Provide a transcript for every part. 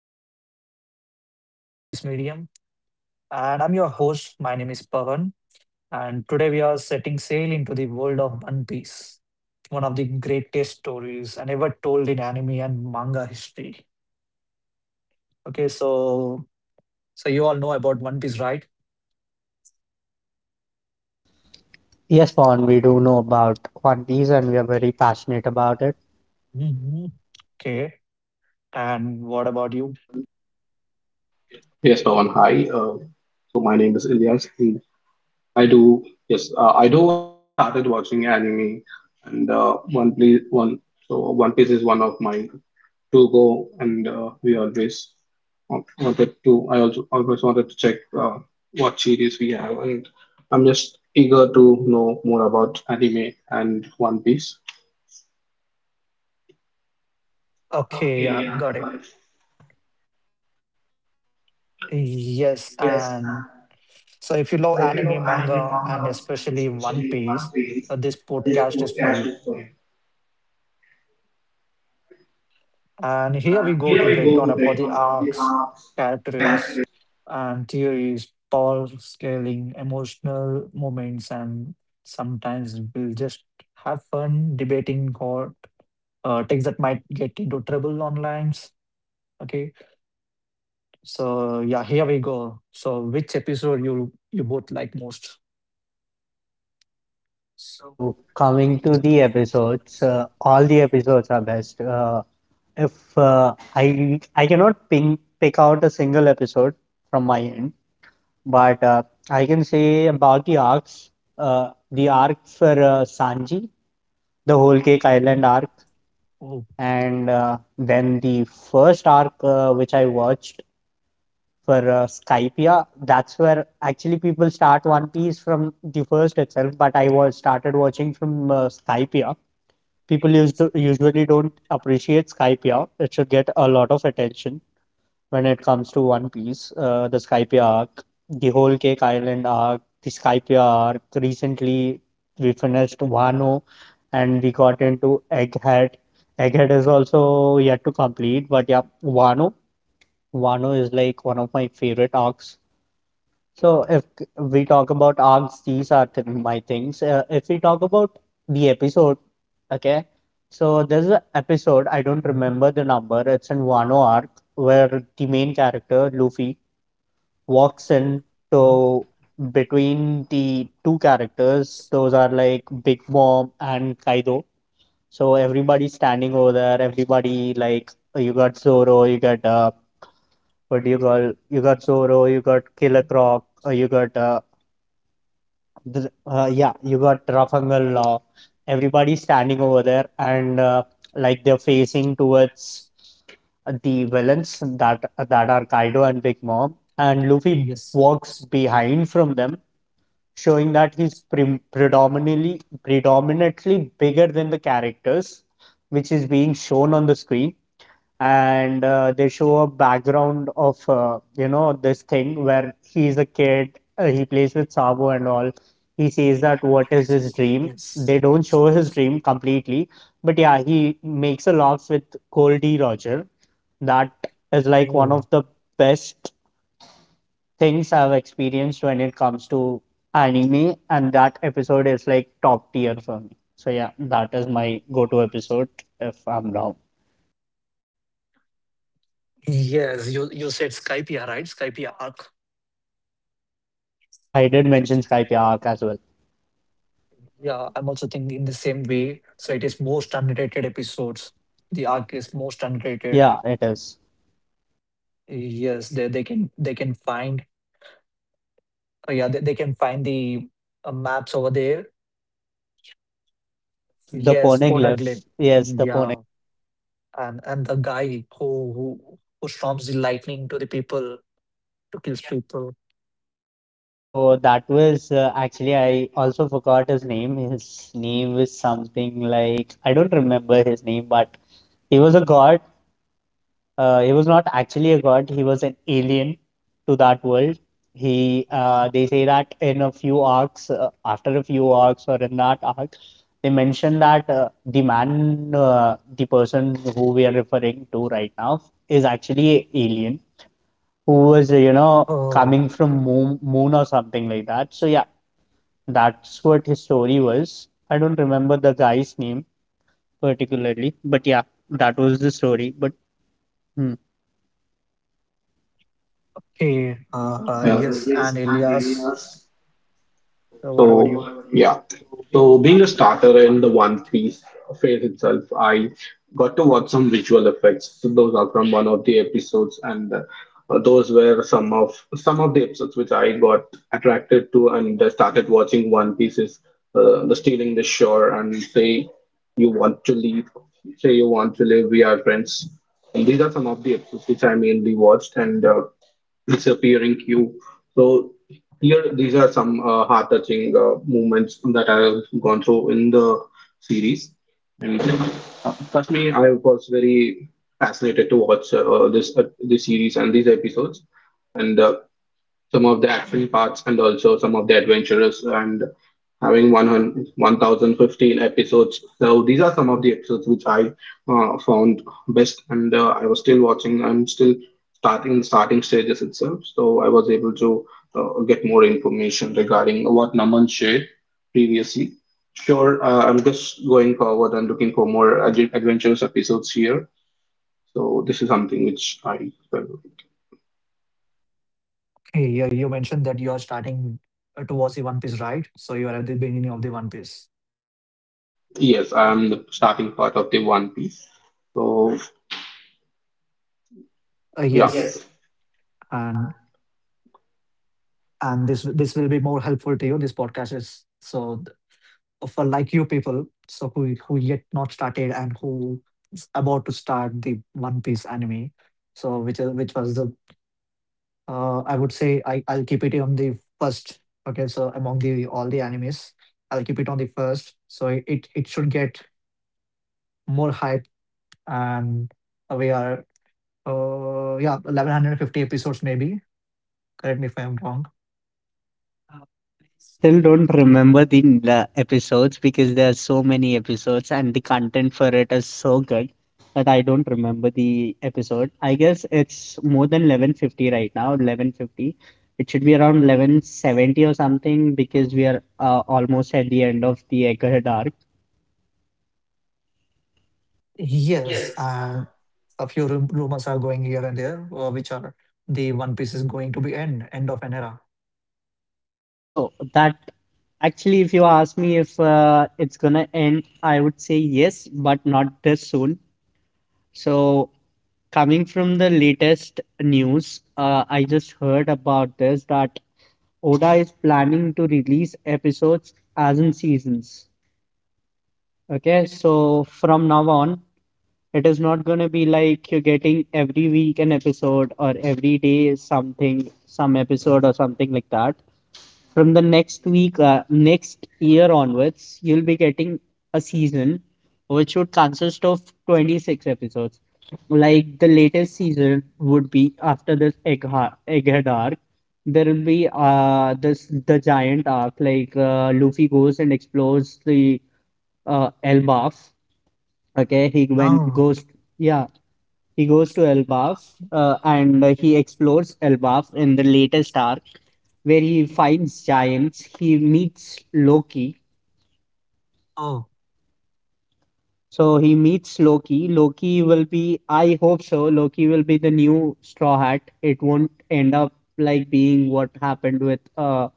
and everything that make us love this medium. And I'm your host. My name is Pavan, and today we are setting sail into the world of One Piece, one of the greatest stories and ever told in anime and manga history. Okay, so you all know about One Piece, right? Yes, Pawan, we do know about One Piece and we are very passionate about it. Mhm. Okay, and what about you? Yes, Pawan. Hi. So my name is Ilyas, and I do yes, I do watch. I just started watching anime, and One Piece. One so One Piece is one of my to go, and we always wanted to. I also always wanted to check what series we have, and I'm just eager to know more about anime and One Piece. Okay, yeah, got it. Yes, and so if you love anime, manga, and especially One Piece, this podcast is for you. And here we go to break down about the arcs, characters, and theories, power scaling, emotional moments, and sometimes we'll just have fun debating what things that might get into trouble online. Okay, so yeah, here we go. So which episode you both like most? So So, coming coming to to the the episodes, episodes, all all the the episodes episodes are are like best. If I cannot pick out a single episode from my end, but I can say about the arcs, the arc for Sanji, the the Whole Cake working time. Island arc, Oh. and then the first arc which I watched for Skype. Yeah, that's where actually people start One Piece from the first itself. But I was started watching from Skype. Yeah, people usually don't appreciate Skype. Yeah, it should get a lot of attention when it comes to One Piece. The Skype arc, the whole Cake Island arc, the Skype arc. Recently, we finished Wano, and we got into Egghead. Egghead is also yet to complete, but yeah, Wano. Wano is like one of my favorite arcs. So if we talk about arcs, these are th my things. If we talk about the episode, okay. So there's an episode, I don't Mm-hmm. remember the number, it's in Wano arc where the main character, Luffy, All walks set in to between the two characters. notes Those are are like like doing it Big all Mom the time. and Kaido. So everybody's standing over there, everybody like, "Oh, you got So Zoro, you that, got what but do you you are call you got that's not Zoro, you doing but got Killer Croc, so I yeah, you but got Rafangal Law." everybody Everybody's standing over there and uh, like like they're the things facing towards finance, the villains finance. that are Kaido and Big Mom, and Luffy Yes. walks behind from them, Showing showing that that he's predominantly bigger than the characters, which is being shown on the screen. And they show a background of you know, this thing where he's a kid, he plays with Sabo and all. He says is that that what what is is his this? dream, Yes. they don't show Showing his this. dream completely, but yeah, he makes a laugh with Goldie Roger. That is like one of Oh. the best things I've experienced when it comes to anime, and that episode is like top tier for me. So yeah, that is my go-to episode if I'm down. Yes, you said Skype, yeah, right? Skype yeah, Arc. Yes, I did mention Skype Arc as well. Yeah, I'm also thinking in the same way. So it is most underrated episodes. The arc is most underrated. Yeah, it is. Yes, they can find, yeah, they can find the maps over there. Poneglyph, the Yes, on a glim. Poneglyph. Yes, the Pone. Yeah, and the guy who storms the lightning to the people to kill people. So that was, actually, I also forgot his name. His name is something like, I don't remember his name, but he was a god. He was not actually a god. He was an alien to that world. He Uh-huh. They say that in a few arcs, after a few arcs or in that arc, they mention that the man, the person who we are referring to right now, is actually an alien who was, you know, Oh. coming from moon or something like that. So yeah, that's what his story was. I don't remember the guy's name particularly, but yeah, that was the story. But hmm. Hey, Yeah. yes, and Elias, what about So you? yeah. So being a starter in the One Piece phase itself, I got to watch some visual effects. So those are from one of the episodes, and those were some of the episodes which I got attracted to and started watching One Piece's the stealing the shore and say you want to leave, say you want to live, we are friends. And these are some of the episodes which I mainly watched and, disappearing cube. So here, these are some heart-touching movements that I've gone through in the series. And trust me, I was very fascinated to watch this series and these episodes. And some of the action parts, and also some of the adventurous and having 100 1,015 episodes, so these are some of the episodes which I found best, and I'm still starting stages itself, so I was able to get more information regarding what Naman shared previously. Sure. I'm just going forward and looking for more adventurous episodes here. So this is something which I felt. Hey, yeah, you mentioned that you are starting to watch the One Piece, right? So you are at the beginning of the One Piece. Yes, I'm the starting part of the One Piece. So, yeah, Yes, and this will be more helpful to you. This podcast is so for like you people, so who yet not started and who is about to start the One Piece anime. So which is which was the I would say I'll keep it on the first. Okay, so among the all the animes, I'll keep it on the first. So it should get more hype, and we are yeah, 1150 episodes maybe. Correct me if I'm wrong. I still don't remember the episodes because there are so many episodes and the content for it is so good that I don't remember the episode. I guess it's more than 1150 right now, 1150. It should be around 1170 or something because we are, almost at the end of the Egghead arc. Yes, and a few rumors are going here and there, which are the One Piece is going to be end of an era. So that actually, if you ask me if it's gonna end, I would say yes, but not this soon. So coming from the latest news, I just heard about this, that Oda is planning to release episodes as in seasons. Okay, so from now on, it is not gonna be like you're getting every week an episode or every day something, some episode or something like that. From the next next year onwards, you'll be getting a season which would consist of 26 episodes. Like the latest season would be after this egghead arc. There will be this the giant arc, like Luffy goes and explores the Elbaf. Okay, he when Oh. goes, yeah, he goes to Elbaf, and he explores Elbaf in the latest arc, where he finds giants. He meets Loki. Oh. So he meets Loki. Loki will be, I hope so, Loki will be the new Straw Hat. It won't end up like being what happened with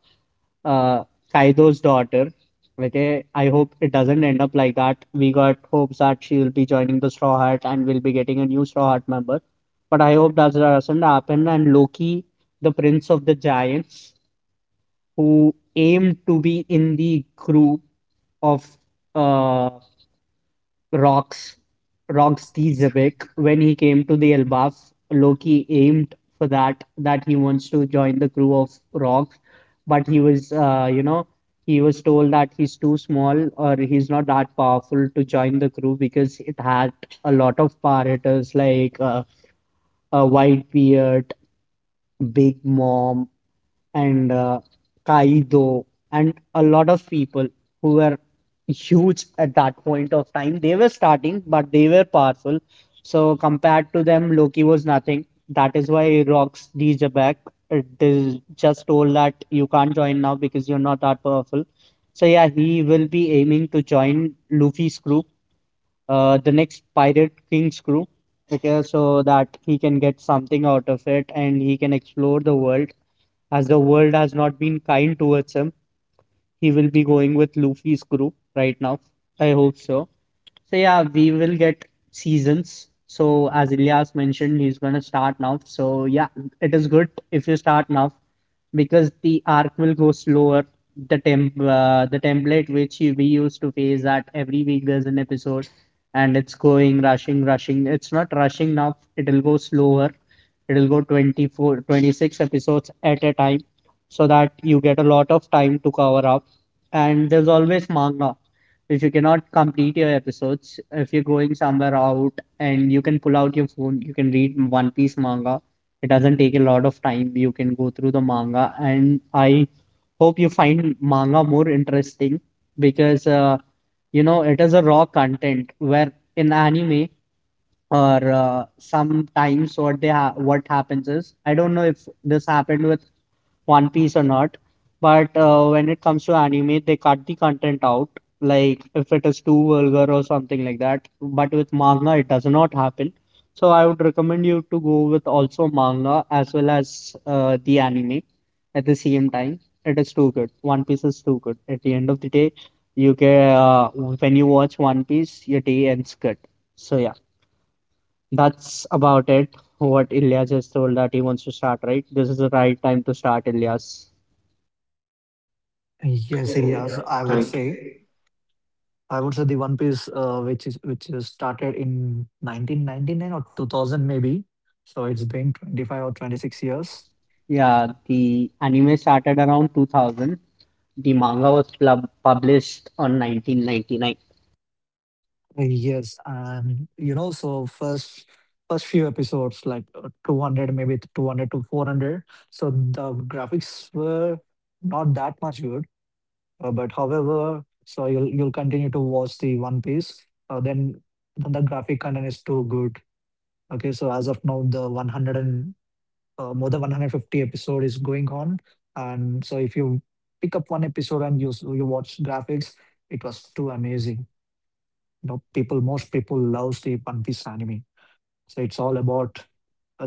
uh, Kaido's daughter. Okay, I hope it doesn't end up like that. We got hopes that she will be joining the Straw Hat and will be getting a new Straw Hat member. But I hope that doesn't happen. And Loki, the Prince of the Giants, who aimed to be in the group of uh, Rocks Roxy Zebek when he came to the Elbaf. Loki aimed for that he wants to join the crew of Rox, but he was, you know, he was told that he's too small or he's not that powerful to join the crew because it had a lot of pirates like a white beard, big mom, and Kaido and a lot of people who were huge at that point of time. They were starting, but they were powerful. So compared to them, Loki was nothing. That is why Rocks DJ back. It is just told that you can't join now because you're not that powerful. So yeah, he will be aiming to join Luffy's group, the next Pirate King's crew, okay, so that he can get something out of it and he can explore the world. As the world has not been kind towards him, he will be going with Luffy's crew right now. I hope so. So yeah, we will get seasons. So as Ilyas mentioned, he's gonna start now. So yeah, it is good if you start now because the arc will go slower. The template which we used to face that every week there's an episode, and it's going rushing. It's not rushing now. It'll go slower. It'll go 24, 26 episodes at a time, so that you get a lot of time to cover up. And there's always manga. If you cannot complete your episodes, if you're going somewhere out, and you can pull out your phone, you can read One Piece manga. It doesn't take a lot of time. You can go through the manga, and I hope you find manga more interesting because, you know, it is a raw content. Where in anime or, sometimes what they what happens is, I don't know if this happened with one Piece or not. But when it comes to anime, they cut the content out, like if it is too vulgar or something like that. But with manga, it does not happen. So I would recommend you to go with also manga as well as the anime at the same time. It is too good. One Piece is too good. At the end of the day, you can, when you watch One Piece, your day ends good. So yeah, that's about it. What Ilya just told that he wants to start, right? This is the right time to start, Ilyas. Yes, yes, I would thank. say. I would say the One Piece, which is started in 1999 or 2000 maybe. So it's been 25 or 26 years. Yeah, the anime started around 2000. The manga was published on 1999. Yes, and you know, so first few episodes like 200 maybe 200 to 400. So the graphics were not that much good. But however, so you'll continue to watch the One Piece, then the graphic content is too good. Okay, so as of now, the 100 and more than 150 episode is going on, and so if you pick up one episode and you watch graphics, it was too amazing. You know, people most people loves the One Piece anime. So it's all about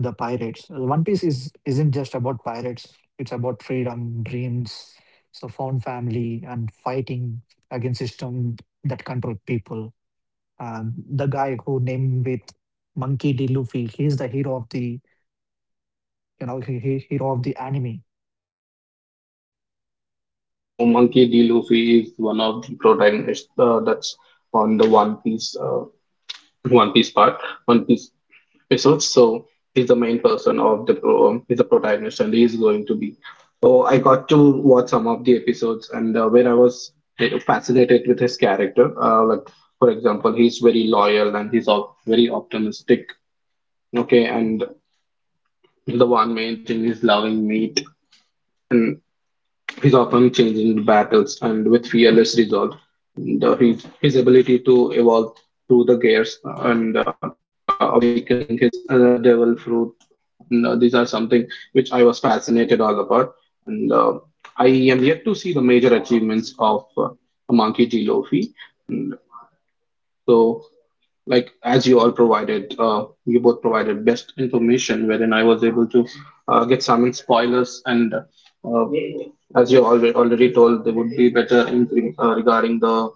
the pirates. One Piece is isn't just about pirates. It's about freedom, dreams, so found family, and fighting against system that control people. And the guy who named with Monkey D. Luffy, he's the hero of the you know he hero of the anime. Yeah, so Monkey D. Luffy is one of the protagonists, that's on the One Piece, One Piece part, One Piece episodes. So he's the main person of he's the protagonist, and he's going to be. So I got to watch some of the episodes, and where I was fascinated with his character. Like, for example, he's very loyal and he's all very optimistic. Okay, and the one main thing is loving meat. He's often changing battles and with fearless resolve, and his ability to evolve through the gears and awakening his devil fruit. And these are something which I was fascinated all about. And I am yet to see the major achievements of Monkey D. Luffy. So, like, as you both provided best information, wherein I was able to get some spoilers, and as you already told, there would be better in, regarding the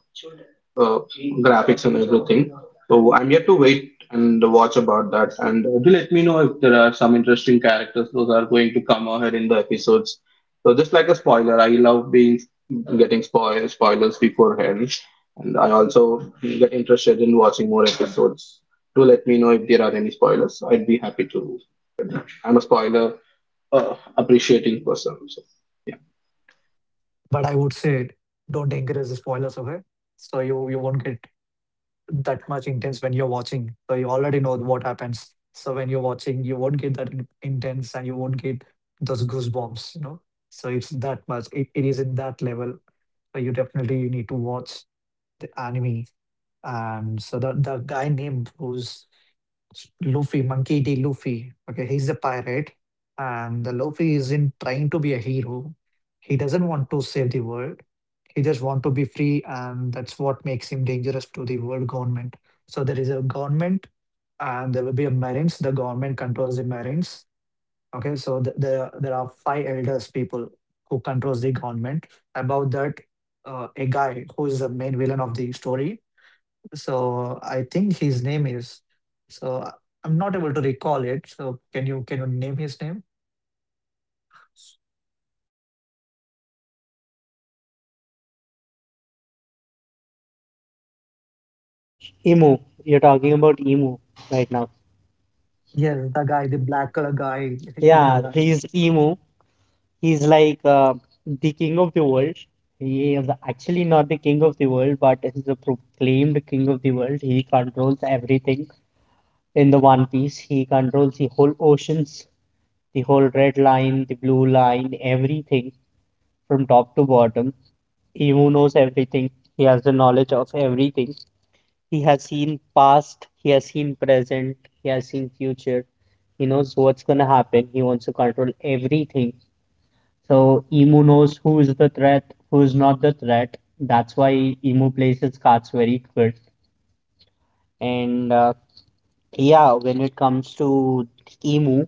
uh, graphics and everything. So I'm yet to wait and watch about that. And do let me know if there are some interesting characters those are going to come ahead in the episodes. So, just like a spoiler, I love being getting spoilers beforehand, and I also get interested in watching more episodes. Do let me know if there are any spoilers. I'd be happy to. I'm a spoiler appreciating person. So, yeah. But I would say don't encourage the spoilers, okay? So you won't get that much intense when you're watching. So you already know what happens. So when you're watching, you won't get that intense and you won't get those goosebumps, you know. So it's that much. It is in that level. So you definitely you need to watch the anime. And so the guy named who's Luffy, Monkey D. Luffy. Okay, he's a pirate, and the Luffy isn't trying to be a hero. He doesn't want to save the world. He just want to be free, and that's what makes him dangerous to the world government. So there is a government, and there will be a marines. The government controls the marines. Okay, so there are five elders people who controls the government. About that, a guy who is the main villain of the story. So I think his name is so I'm not able to recall it. So can you name his name? EMO. You're talking about EMO right now. Yes, the guy, the black color guy. Yeah, Yeah, right. he's Emu. He's like the king of the world. He is actually not the king of the world, but he's a proclaimed king of the world. He controls everything in the One Piece. He controls the whole oceans, the whole red line, the blue line, everything from top to bottom. He who knows everything, he has the knowledge of everything. He has seen past, he has seen present, he has seen future. He knows what's gonna happen. He wants to control everything. So Emu knows who is the threat, who is not the threat. That's why Emu plays his cards very good. And yeah, when it comes to Emu,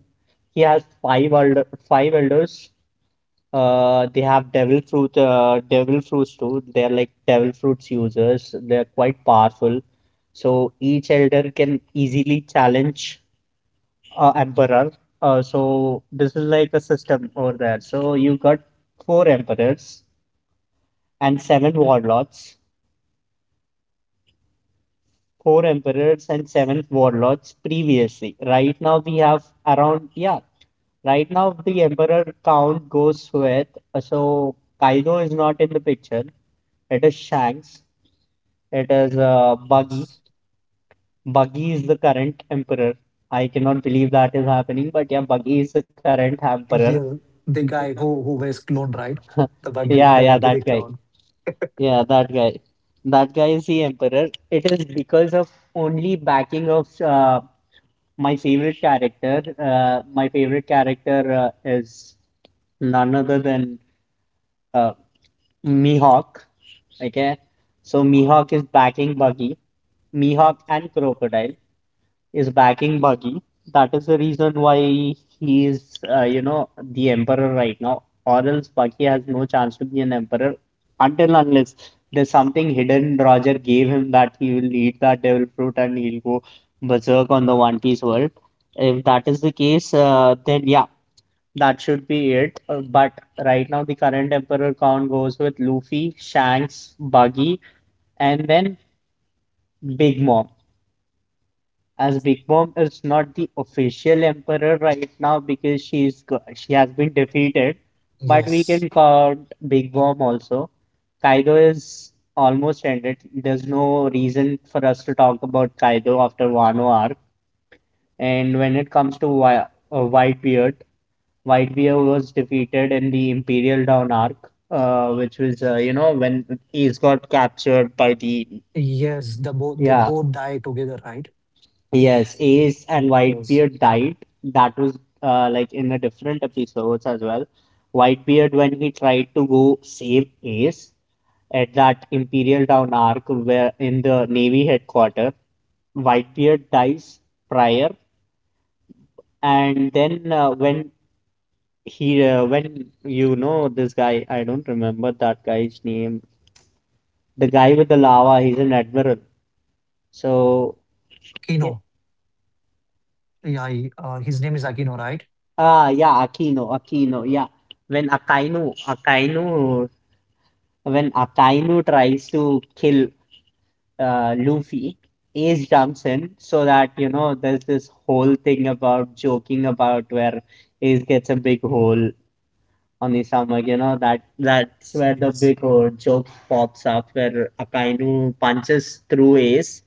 he has five elders. They have devil fruits too. They're like devil fruits users. They're quite powerful. So each elder can easily challenge emperor. So this is like a system over there. So you got four emperors and seven warlords. Four emperors and seven warlords previously. Right now we have around yeah. Right now the emperor count goes with, uh, so Kaido is not in the picture. It is Shanks. It is Buggy. Buggy is the current emperor. I cannot believe that is happening, but yeah, Buggy is the current emperor. Yeah, the guy who wears clone, right? The Yeah, buggy, yeah, the that buggy, the guy. clown. Yeah, that guy. That guy is the emperor. It is because of only backing of my favorite character. My favorite character is none other than uh, Mihawk. Okay, so Mihawk is backing Buggy, Mihawk and Crocodile is backing Buggy. That is the reason why he is, you know, the emperor right now. Or else Buggy has no chance to be an emperor until unless there's something hidden Roger gave him that he will eat that devil fruit and he'll go berserk on the One Piece world. If that is the case, then yeah, that should be it. But right now, the current emperor count goes with Luffy, Shanks, Buggy, and then Big Mom, as Big Mom is not the official emperor right now because she has been defeated, but we can Yes, count Big Mom also. Kaido is almost ended. There's no reason for us to talk about Kaido after Wano arc. And when it comes to Whitebeard, Whitebeard was defeated in the Imperial Dawn arc, which was when he's got captured by the yes. The both they yeah. both die together, right? Yes, Yes. Ace Yeah, and yes. Whitebeard died. That was like in a different episodes as well. Whitebeard, when he tried to go save Ace at that Imperial Town arc where in the Navy headquarters, Whitebeard dies prior, and then when he when this guy, I don't remember that guy's name. The guy with the lava, he's an admiral. So yeah. Kino. Yeah, his name is Akino, right? Ah, yeah, Aquino, Aquino, yeah. When Akainu, Akainu, when Akainu tries to kill Luffy, Ace jumps in so that, you know, there's this whole thing about joking about where Ace gets a big hole on his stomach, you know, that that's where the Yes. big joke pops up where Akainu punches through Ace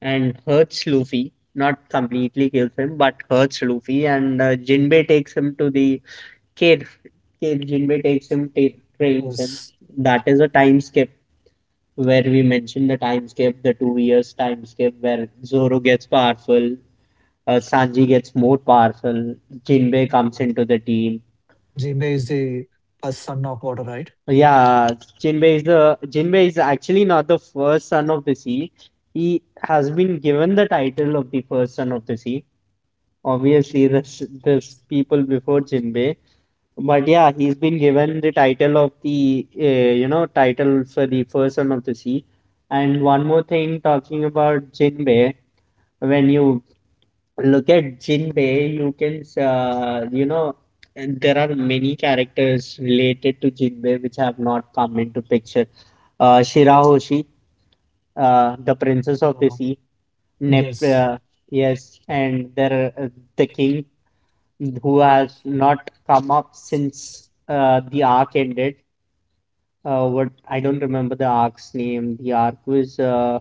and hurts Luffy. Not completely kills him, but hurts Luffy. And Jinbei takes him to the cave. Cave Jinbei takes him, trains him. That is a time skip where we mentioned the time skip, the 2 years time skip, where Zoro gets powerful, Sanji gets more powerful, Jinbei comes Yes. into the team. Gmail is the first son of water, right? Yeah, Jinbei is the Jinbei is actually not the first son of the sea. He has been given the title of the first son of the sea. Obviously, this people before Jinbei, but yeah, he's been given the title of the title for the first son of the sea. And one more thing, talking about Jinbei, when you look at Jinbei, you can there are many characters related to Jinbei which have not come into picture. Shirahoshi, the princess of the Uh, sea, Nep yes. Yes. Yes. yes, and there uh, the king who has not come up since the arc ended. What, I don't remember the arc's name. The arc was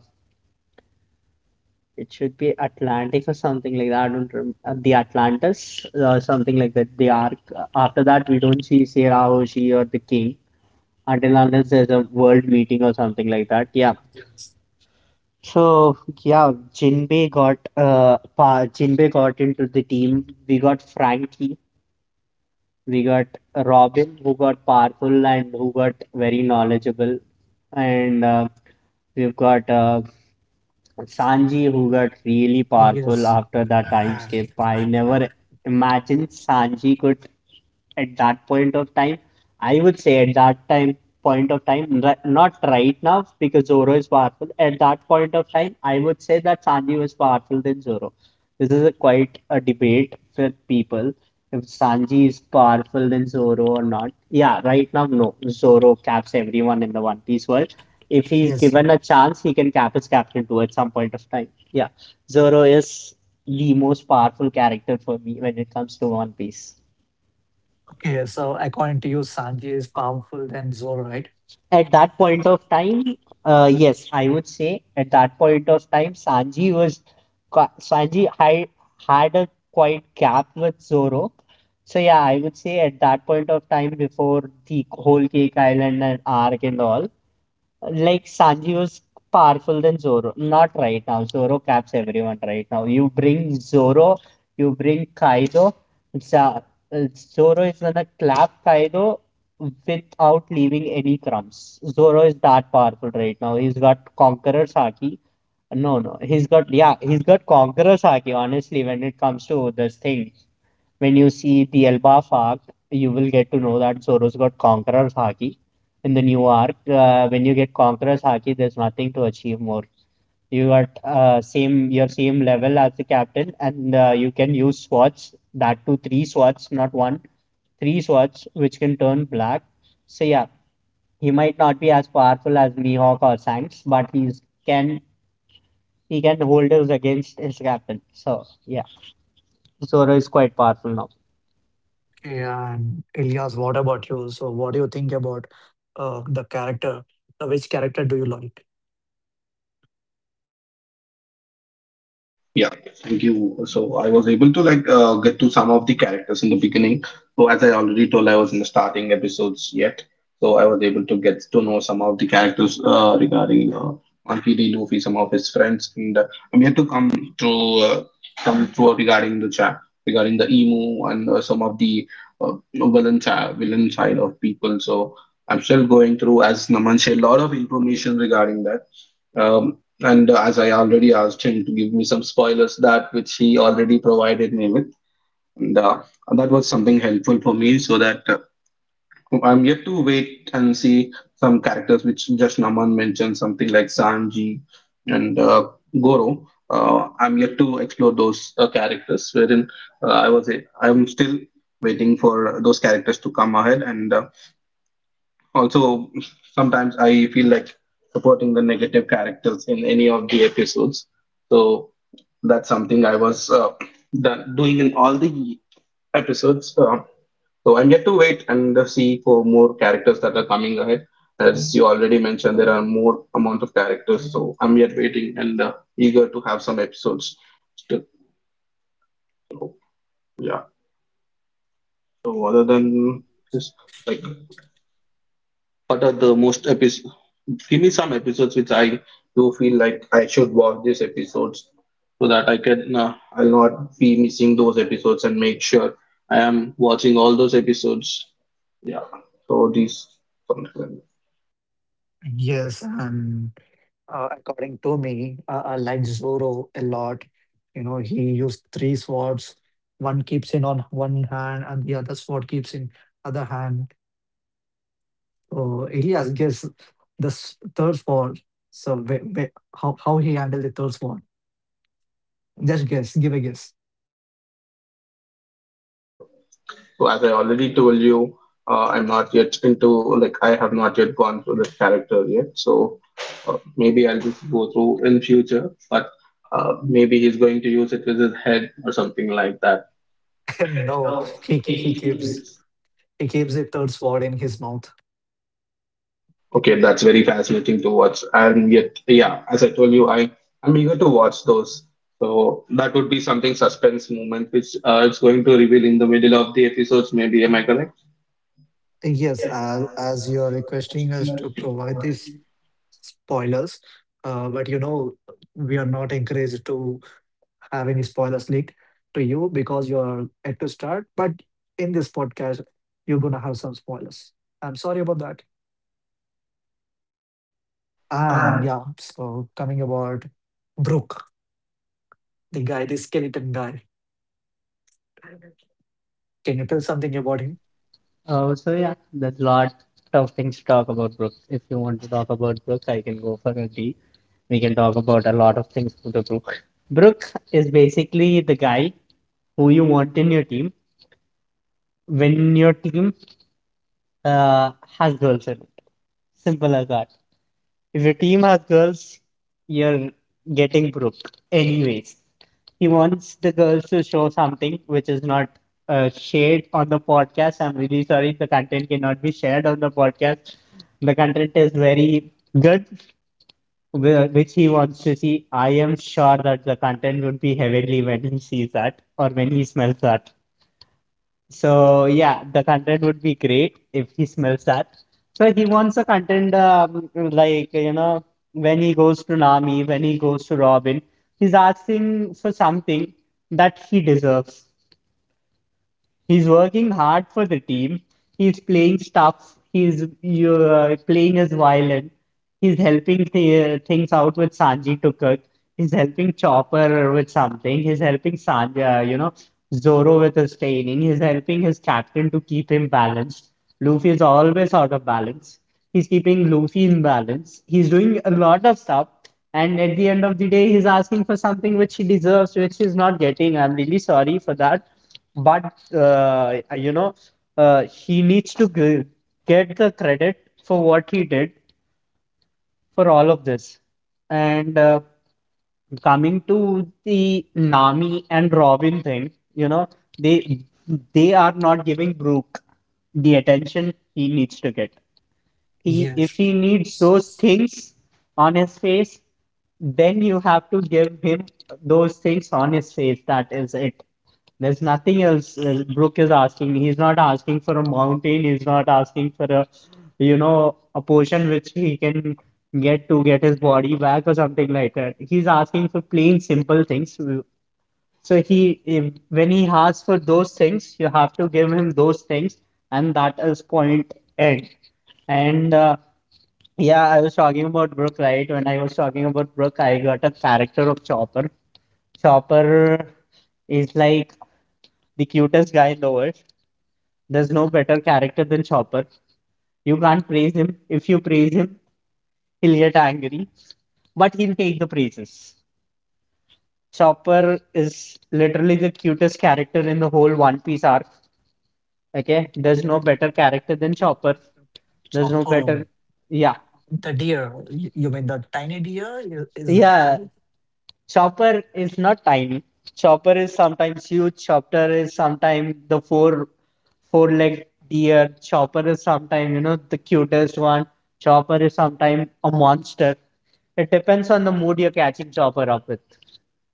it should be Atlantic or something like that. I don't remember the Atlantis or something like that. The arc after that we don't see Sarah Hoshi or the King until unless there's a world meeting or something like that. Yeah. So yeah, Jinbei got into the team. We got Frankie. We got Robin, who got powerful and who got very knowledgeable, and we've got Sanji, who got really powerful after that time skip. I never imagined Sanji could at that point of time. I would say at that time point of time, not right now because Zoro is powerful. At that point of time, I would say that Sanji was powerful than Zoro. This is a quite a debate with people if Sanji is powerful than Zoro or not. Yeah, right now no. Zoro caps everyone in the One Piece world. If he's given a chance, he can cap his captain too at some point of time. Yeah, Zoro is the most powerful character for me when it comes to One Piece. Okay, so according to you, Sanji is powerful than Zoro, right? At that point of time, yes, I would say at that point of time, Sanji was Sanji had a quite gap with Zoro. So yeah, I would say at that point of time, before the whole Cake Island and arc and all, like Sanji was powerful than Zoro. Not right now. Zoro caps everyone right now. You bring Zoro, you bring Kaido. Za- Zoro is gonna clap Kaido without leaving any crumbs. Zoro is that powerful right now. He's got Conqueror's Haki. No, no, he's got yeah, he's got Conqueror's Haki. Honestly, when it comes to this thing. When you see the Elba arc, you will get to know that Soros got Conqueror's Haki. In the new arc, when you get Conqueror's Haki, there's nothing to achieve more. You are same your same level as the captain, and you can use swords. That too, three swords, not one. Three swords, which can turn black. So yeah, he might not be as powerful as Mihawk or Shanks, but he's can he can hold us against his captain. So yeah, Zoro is quite powerful now. Okay, and Elias, what about you? So, what do you think about the character? Which character do you like? Yeah, thank you. So I was able to, like, get to some of the characters in the beginning. So, as I already told, I was in the starting episodes yet. So I was able to get to know some of the characters, regarding Monkey D. Luffy, some of his friends, and I'm yet to come to uh, come to regarding the chat, regarding the Emu, and some of the villain, child villain side of people. So I'm still going through, as Naman shared a lot of information regarding that. And as I already asked him to give me some spoilers, that which he already provided me with, and that was something helpful for me. So that, I'm yet to wait and see some characters which just Naman mentioned, something like Sanji and Goro. I'm yet to explore those characters, wherein I'm still waiting for those characters to come ahead, and also, sometimes I feel like supporting the negative characters in any of the episodes. So, that's something I was doing in all the episodes. So I'm yet to wait and see for more characters that are coming ahead. As you already mentioned, there are more amount of characters, so I'm yet waiting, and eager to have some episodes. Still, so, yeah. So, other than this, like, what are the most epic? Finish some episodes which I do feel like I should watch these episodes, so that I'll not be missing those episodes and make sure I am watching all those episodes. Yeah. So these, like, Yes, and according to me, I like Zoro a lot. You know, he used three swords. One keeps in on one hand, and the other sword keeps in other hand. So Elias gives the third sword. So how he handled the third sword? Just guess. Give a guess. so, so as I already told you, I'm not yet into, like, I have not yet gone through this character yet. So maybe I'll just go through in future, but maybe he's going to use it with his head or something like that. No, he ke- he keeps he keeps the third sword in his mouth. Okay, that's very fascinating to watch. And yet, yeah, as I told you, I'm eager to watch those. So that would be something suspense moment, which it's going to reveal in the middle of the episodes. Maybe am I correct? Yes, as you are requesting us to provide these spoilers, but you know we are not encouraged to have any spoilers leaked to you because you're yet to start. But in this podcast, you're gonna have some spoilers. I'm sorry about that. And yeah, so coming about Brooke, the guy, the skeleton guy. Can you tell something about him? Oh, so yeah, there's a lot of things to talk about Brooks. If you want to talk about Brooks, I can go for a tea. We can talk about a lot of things with the Brooks. Brooks is basically the guy who you want in your team when your team uh, has girls in it. Simple as that. If your team has girls, you're getting broke anyways. He wants the girls to show something which is not shared on the podcast. I'm really sorry, the content cannot be shared on the podcast. The content is very good, which he wants to see. I am sure that the content would be heavenly when he sees that or when he smells that. So yeah, the content would be great if he smells that. So he wants a content when he goes to Nami, when he goes to Robin, he's asking for something that he deserves. He's working hard for the team. He's playing stuff. He's you playing his violin. He's helping th things out with Sanji to cook. He's helping Chopper with something. He's helping Sanji, Zoro with his training is helping his captain to keep him balanced. Luffy is always out of balance. He's keeping Luffy in balance. He's doing a lot of stuff. And at the end of the day, he's asking for something which he deserves, which he's not getting. I'm really sorry for that. But, uh, you know, he needs to get the credit for what he did for all of this. And coming to the Nami and Robin thing, you know, they they are not giving Brook the attention he needs to get. He, if Yes. he needs those things on his face, then you have to give him those things on his face. That is it. There's nothing else Brooke is asking. He's not asking for a mountain. He's not asking for a, you know, a potion which he can get to get his body back or something like that. He's asking for plain, simple things so he, if, when he asks for those things, you have to give him those things, and that is point end. And yeah, I was talking about Brook, right? When I was talking about Brook, I got a character of Chopper. Chopper is like the cutest guy in the world. There's no better character than Chopper. You can't praise him. If you praise him, he'll get angry, but he'll take the praises. Chopper is literally the cutest character in the whole One Piece arc. Okay, there's no better character than Chopper. There's no Oh, better. Yeah. the deer. You mean the tiny deer? Is that yeah, Yeah. correct? Chopper is not tiny. Chopper is sometimes huge. Chopper is sometimes the four legged deer. Chopper is sometimes, you know, the cutest one. Chopper is sometimes a monster. It depends on the mood you're catching Chopper up with.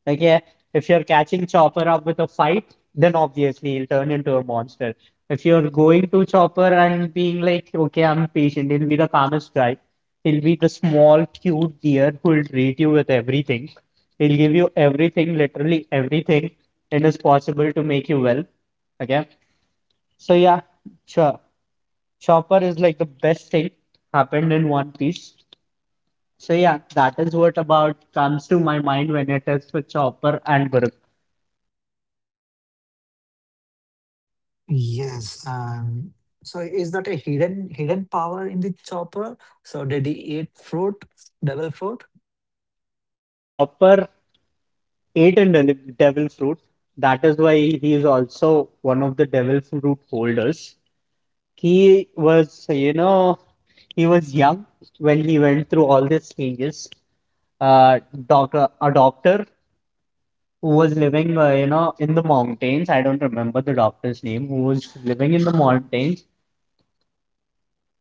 Like, yeah, if you're catching Chopper up with a fight, then obviously he'll turn into a monster. If you're going to Chopper and being like, okay, I'm patient, he'll be the calmest guy. He'll be the small, cute deer who'll treat you with everything. He'll give you everything, literally everything, and is possible to make you well. Okay. So yeah, sure. Chopper is like the best thing happened in One Piece. So yeah, that is what about comes to my mind when it is for Chopper and Brook. Yes. So is that a hidden power in the chopper? So did he eat fruit, devil fruit? Yeah, Chopper ate a devil fruit. That is why he is also one of the devil fruit holders. He was, you know, he was young when he went through all these changes. Uh, a doctor who was living, in the mountains. I don't remember the doctor's name, who was living in the mountains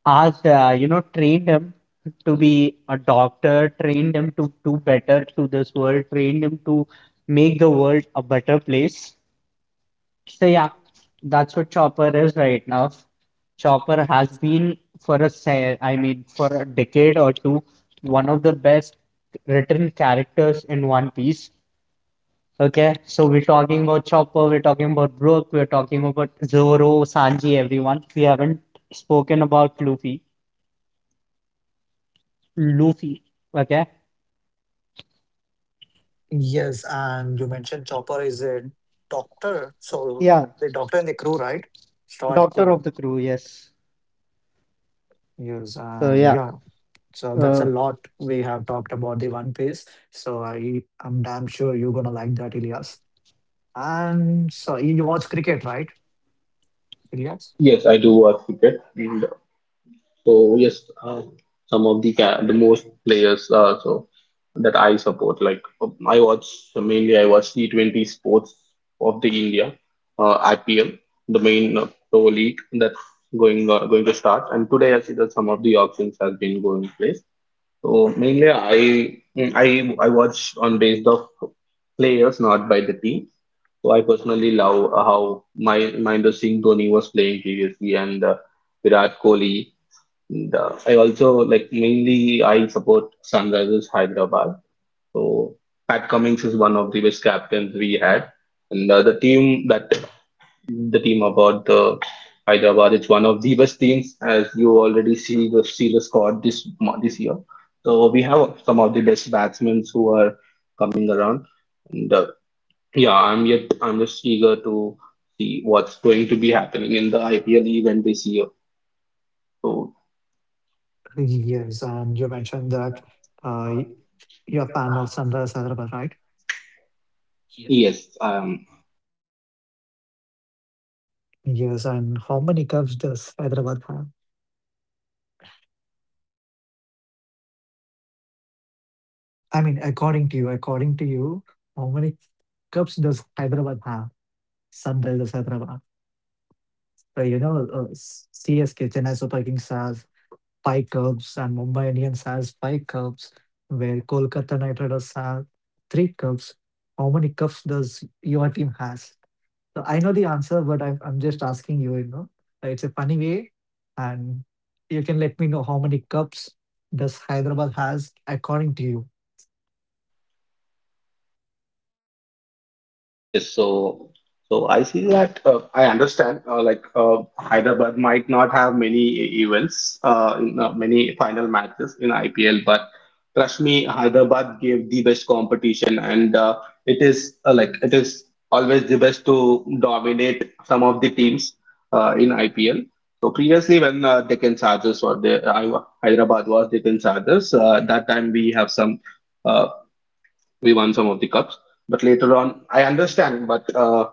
as trained him to be a doctor, trained him to do better to this world, trained him to make the world a better place. So yeah, that's what Chopper is right now. Chopper has been for I mean for a decade or two, one of the best written characters in One Piece. Okay, so we're talking about Chopper, we're talking about Brook, we're talking about Zoro, Sanji, everyone. We haven't spoken about Luffy. Luffy. Okay. Yes, and you mentioned Chopper is a doctor, so Yeah, the doctor and the crew, right? Star Doctor of crew. the Crew, yes. Yes, So and yeah, yeah. So that's a uh, lot we have talked about the One Piece. So I'm damn sure you're gonna like that, Ilyas. And so you watch cricket, right, Ilyas? Yes, I do watch cricket, and so yes, some of the most players. So that I support. Like, I watch T20 sports of the India, IPL, the main pro league that's going to start. And today I see that some of the auctions has been going place. So mainly I mm, I watch on based of players, not by the team. So I personally love, how my Mahendra Singh Dhoni was playing previously, and Virat Kohli. And I also like mainly I support Sunrisers Hyderabad. So Pat Cummings is one of the best captains we had, and the team about the Hyderabad, it's one of the best teams, as you already see the squad this year. So we have some of the best batsmen who are coming around, and yeah, I'm just eager to see what's going to be happening in the IPL event this year. So Yes, and you mentioned that uh, y- you're a fan of Sunrise Hyderabad, right? yes. Yes, and how many cups does Hyderabad have? I mean, according to you, how many cups does Hyderabad have? Sunrisers Hyderabad. So, you know, S CSK, Chennai Super Kings has 5 cups and Mumbai Indians has 5 cups, where Kolkata Knight Riders have 3 cups. How many cups does your team has? So I know the answer, but I'm just asking you, you know. It's a funny way, and you can let me know how many cups does Hyderabad has according to you. Yes, so I see that, I understand, like, Hyderabad might not have many events, in, many final matches in IPL, but trust me, Hyderabad gave the best competition, and it is, like, it is always the best to dominate some of the teams, in IPL. So previously, when Deccan Chargers were there, I, Hyderabad was Deccan Chargers. That time, we have some. Uh, we won some of the cups, but later on, I understand. But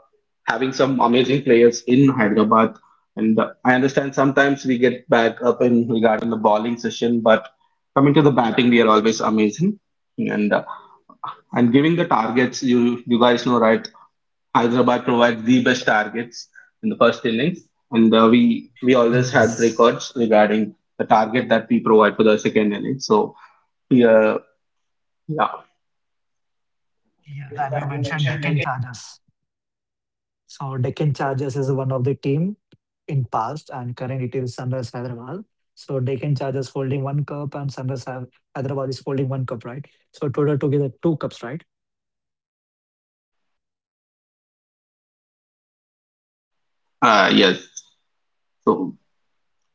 having some amazing players in Hyderabad, and I understand, sometimes we get back up in regarding the bowling session, but coming to the batting, we are always amazing. And uh, and giving the targets, you guys know, right? Hyderabad provides the best targets in the first innings, and we always had Yes. records regarding the target that we provide for the second innings. So yeah, yeah, Yes, and you mentioned Deccan Chargers. So Deccan Chargers is one of the team in past and current it is Sunrise Hyderabad. So Deccan Chargers holding one cup and Sunrise Hyderabad is holding one cup, right? So total together two cups, right? Yes. So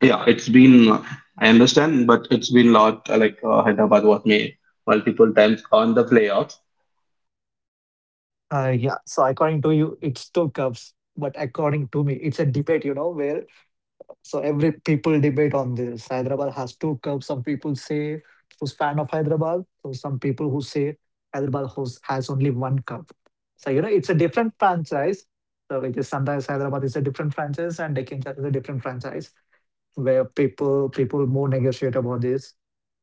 yeah, it's been, I understand, but it's been lot, like, Hyderabad was made multiple times on the playoffs. Yeah. So according to you, it's two cups, but according to me, it's a debate, you know, where so every people debate on this. Hyderabad has two cups. Some people say who's fan of Hyderabad, so some people who say Hyderabad has only one cup. So you know it's a different franchise. So which is sometimes Hyderabad is a different franchise and Deccan Charge is a different franchise where people more negotiate about this.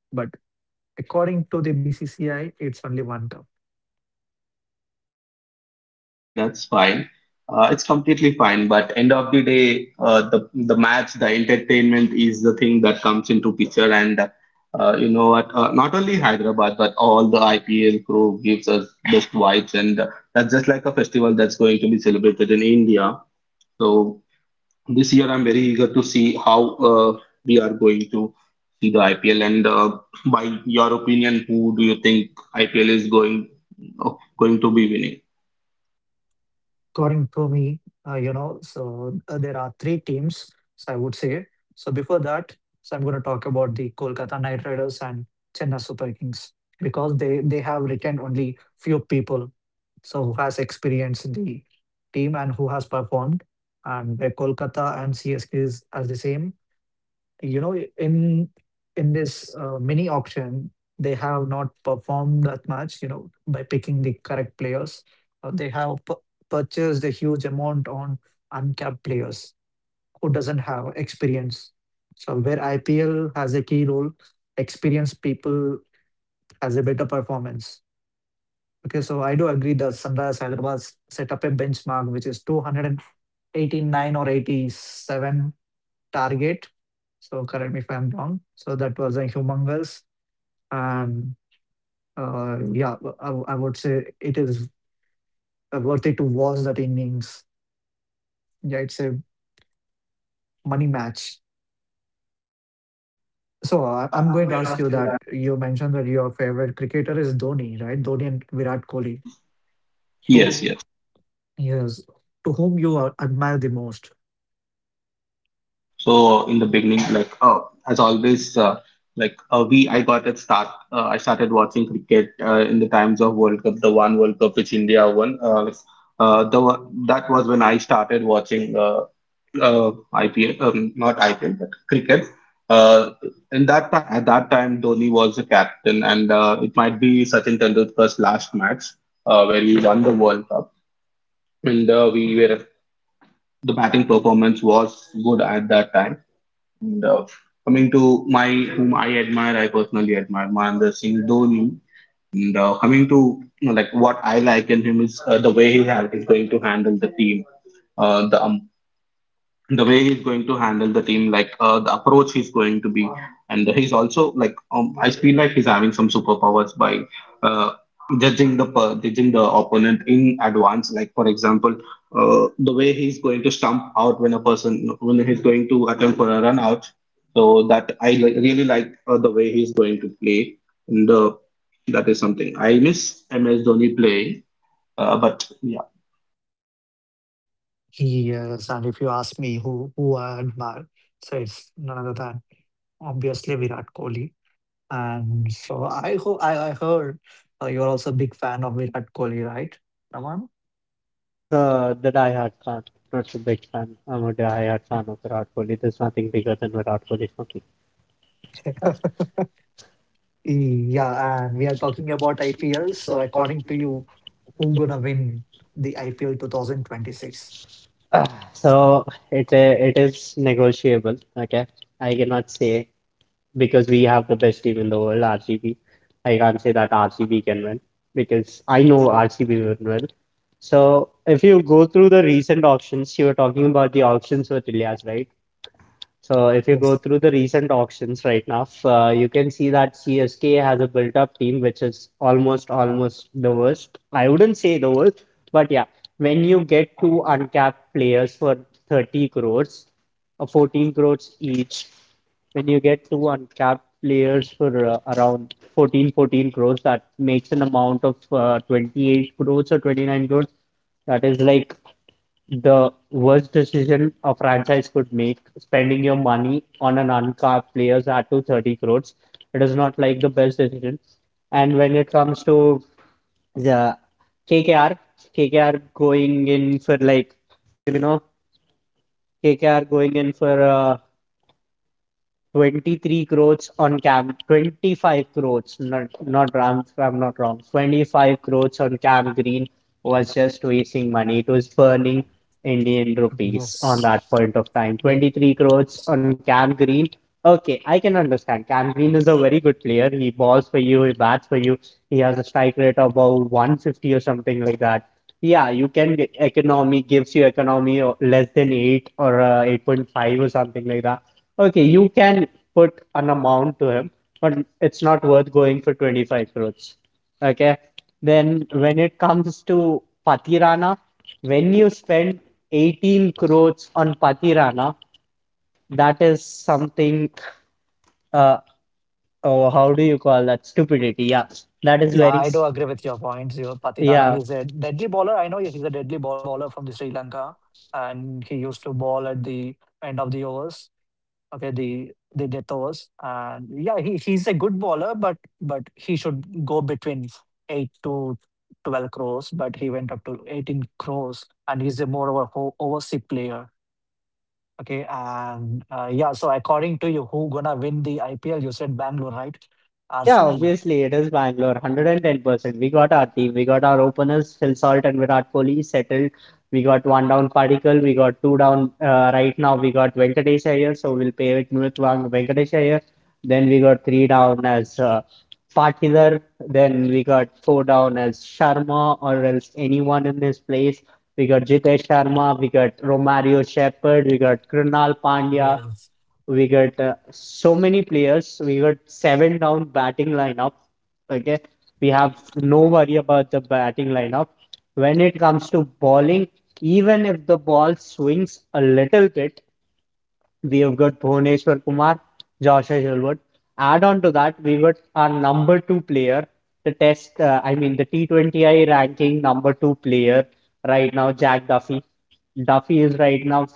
But according to the BCCI, it's only 1 cup. Okay, that's fine, that's fine. It's completely fine, but end of the day, the match, the entertainment is the thing that comes into picture, and you know what? Not only Hyderabad, but all the IPL crew gives us best vibes, and that's just like a festival that's going to be celebrated in India. So this year, I'm very eager to see how we are going to see the IPL, and by your opinion, who do you think IPL is going to be winning? According to me, you know, so there are three teams, so I would say. So before that, so I'm going to talk about the Kolkata Knight Riders and Chennai Super Kings because they have retained only few people, so who has experience in the team and who has performed, and where Kolkata and CSK is as the same you know in this mini auction they have not performed that much you know by picking the correct players. They have purchased a huge amount on uncapped players who doesn't have experience, so where IPL has a key role, experienced people has a better performance. Okay, so I do agree that Sunrise Hyderabad set up a benchmark which is 289 or 87 target, so correct me if I'm wrong. So that was a humongous and, yeah, I would say it is, worth it to watch that innings. Yeah, it's a money match. So, I'm going to ask you that you mentioned that your favorite cricketer is Dhoni, right? Dhoni and Virat Kohli, two. Yes, yes. Yes. To whom you admire the most? So in the beginning, like, as always, like, we I got at start. I started watching cricket, in the times of World Cup, the one World Cup which India won, like, that was when I started watching, IPL, Not IPL, but cricket. Uh, in that time, Dhoni was the captain, and it might be Sachin Tendulkar's last match, where we won the World Cup, and we were the batting performance was good at that time. And coming to my whom I admire, I personally admire Mahendra Singh Dhoni. And coming to, like, what I like in him is, the way is going to handle the team, uh, the um, the way he's going to handle the team, like, the approach he's going to be, and he's also like, I feel like he's having some superpowers by, uh, judging the opponent in advance. Like, for example, the way he's going to stump out when a person, when he's going to attempt for a run out. So that really like, the way he's going to play, and that is something I miss MS Dhoni playing. But yeah. Yes. And if you ask me who I admire, so it's none other than obviously Virat Kohli. And so I hope I heard you're also a big fan of Virat Kohli, right, Raman? The Die Hard fan. Not a big fan. I'm a Die Hard fan of Virat Kohli. There's nothing bigger than Virat Kohli for me. Yeah, and we are talking about IPL. So according to you, who gonna win the IPL 2026? So it is negotiable. Okay, I cannot say because we have the best team in the world, RCB. I can't say that RCB can win because I know RCB will win. So if you go through the recent auctions, you were talking about the auctions with Ilyas, right? So if you go Yes, through the recent auctions right now, you can see that CSK has a built-up team which is almost the worst. I wouldn't say the worst, but yeah, when you get two uncapped players for 30 crores, or 14 crores each, when you get two uncapped players for around fourteen crores, that makes an amount of 28 crores or 29 crores. That is like the worst decision a franchise could make, spending your money on an uncapped players at to 30 crores. It is not like the best decision. And when it comes to the KKR, KKR going in for like, you know, KKR going in for 23 crores on Cam, 25 crores, not wrong, if I'm not wrong. 25 crores on Cam Green was just wasting money. It was burning Indian rupees on yes, that point of time. yes. 23 crores on Cam Green. Okay, I can understand. Cam Green is a very good player. He balls for you, he bats for you. He has a strike rate of about 150 or something like that. Yeah, you can get economy gives you economy less than 8 or 8.5 or something like that. Okay, you can put an amount to him, but it's not worth going for 25 crores. Okay. Then when it comes to Patirana, when you spend 18 crores on Patirana, that is something, uh, oh, how do you call that? Stupidity. Yeah. That is Yeah, very, I do agree with your points. You know, Pati Rana, yeah. he's a deadly bowler. I know he's a deadly ball bowler from the Sri Lanka, and he used to bowl at the end of the overs. Okay, the Detos, and yeah, he's a good bowler, but he should go between 8 to 12 crores, but he went up to 18 crores, and he's a more of a overseas player. Okay, and yeah, so according to you, who gonna win the IPL? You said Bangalore, right? Yeah, RCB. obviously it is Bangalore, 110%. We got our team, we got our openers, Phil Salt and Virat Kohli settled. We got one down Padikkal, we got two down right now. We got Venkatesh Iyer, so we'll pay with Nurutvang Venkatesh Iyer. Then we got three down as Patilal, then we got four down as Sharma or else anyone in this place. We got Jitesh Sharma, we got Romario Shepherd, we got Krunal Pandya, Yes. we got so many players. We got seven down batting lineup. Okay, we have no worry about the batting lineup. When it comes to bowling, even if the ball swings a little bit, we have got Bhuvneshwar Kumar, Joshua Hilbert. Add on to that, we got our number two player, the test, I mean, the T20I ranking number two player right now, Jack Duffy. Duffy is right now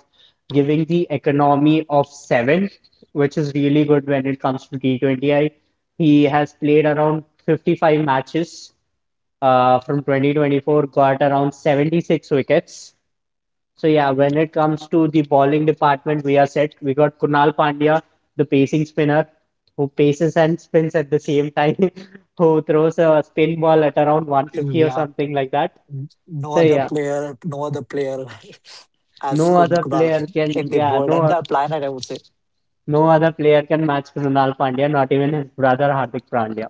giving the economy of seven, which is really good when it comes to T20I. He has played around 55 matches from 2024, got around 76 wickets so yeah, when it comes to the bowling department, we are set. We got Kunal Pandya, the pacing spinner, who paces and spins at the same time, who throws a spin ball at around 150 or Yeah. something like that. No So other yeah, player. No other player. as no other Kumar player can in the yeah, world, no entire planet, I would say. no other player can match Kunal Pandya, not even his brother Hardik Pandya.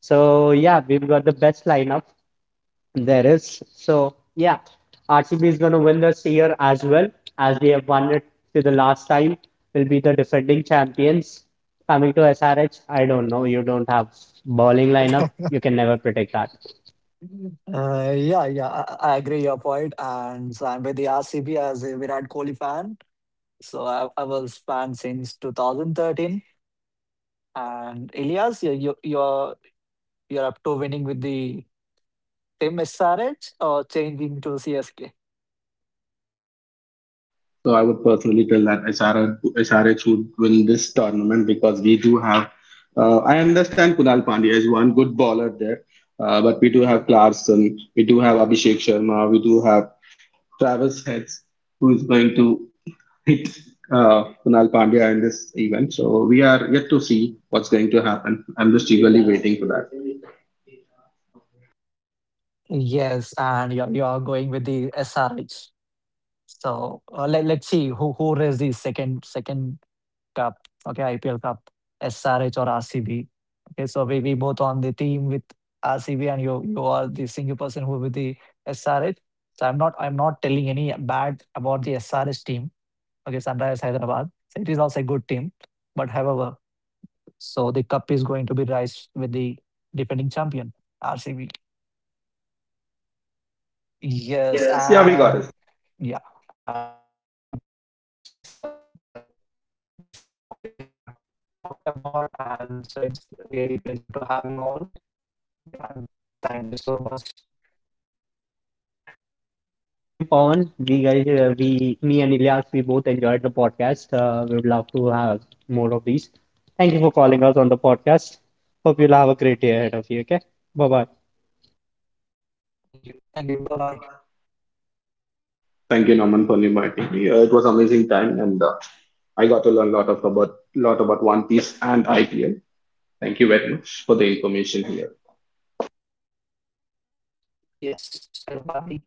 So yeah, we've got the best lineup. There is. So, yeah, RCB is going to win this year as well as they have won it to the last time. Will be the defending champions. Coming to SRH, I don't know. You don't have bowling lineup. You can never predict that. Yeah, yeah, I agree your point, and so I'm with the RCB as a Virat Kohli fan. So I was fan since 2013, and Elias, you're up to winning with the Team SRH or changing to CSK? So I would personally tell that SRH would win this tournament, because we do have. I understand Kunal Pandya is one good bowler there, but we do have Clarkson, we do have Abhishek Sharma, we do have Travis Heads, who is going to hit, Kunal Pandya in this event. So we are yet to see what's going to happen. I'm just eagerly waiting for that. Yes, and you're going with the SRH. So let's see who raised the second cup. Okay, IPL Cup, SRH or RCB. Okay, so we both on the team with RCB, and you are the single person who with the SRH. So I'm not telling any bad about the SRH team. Okay, Sunrise Hyderabad. So it is also a good team, but however, so the cup is going to be raised with the defending champion, RCB. Yes, Yes, yeah, we got and it. yeah, and we are end of the podcast. So these are the topics we have talked about, and so it's really pleasure to have you all. Yeah, and thank you so much. Thank you, Pawan. Me and Ilyas, we both enjoyed the podcast. We would love to have more of these. Thank you for calling us on the podcast. Hope you'll have a great day ahead of you. Okay, bye bye. Thank you. Thank you. Bye bye. Thank you, Norman, for inviting me. It was amazing time, and I got to learn a lot of about lot about One Piece and IPL. Thank you very much for the information here. Yes. Bye bye.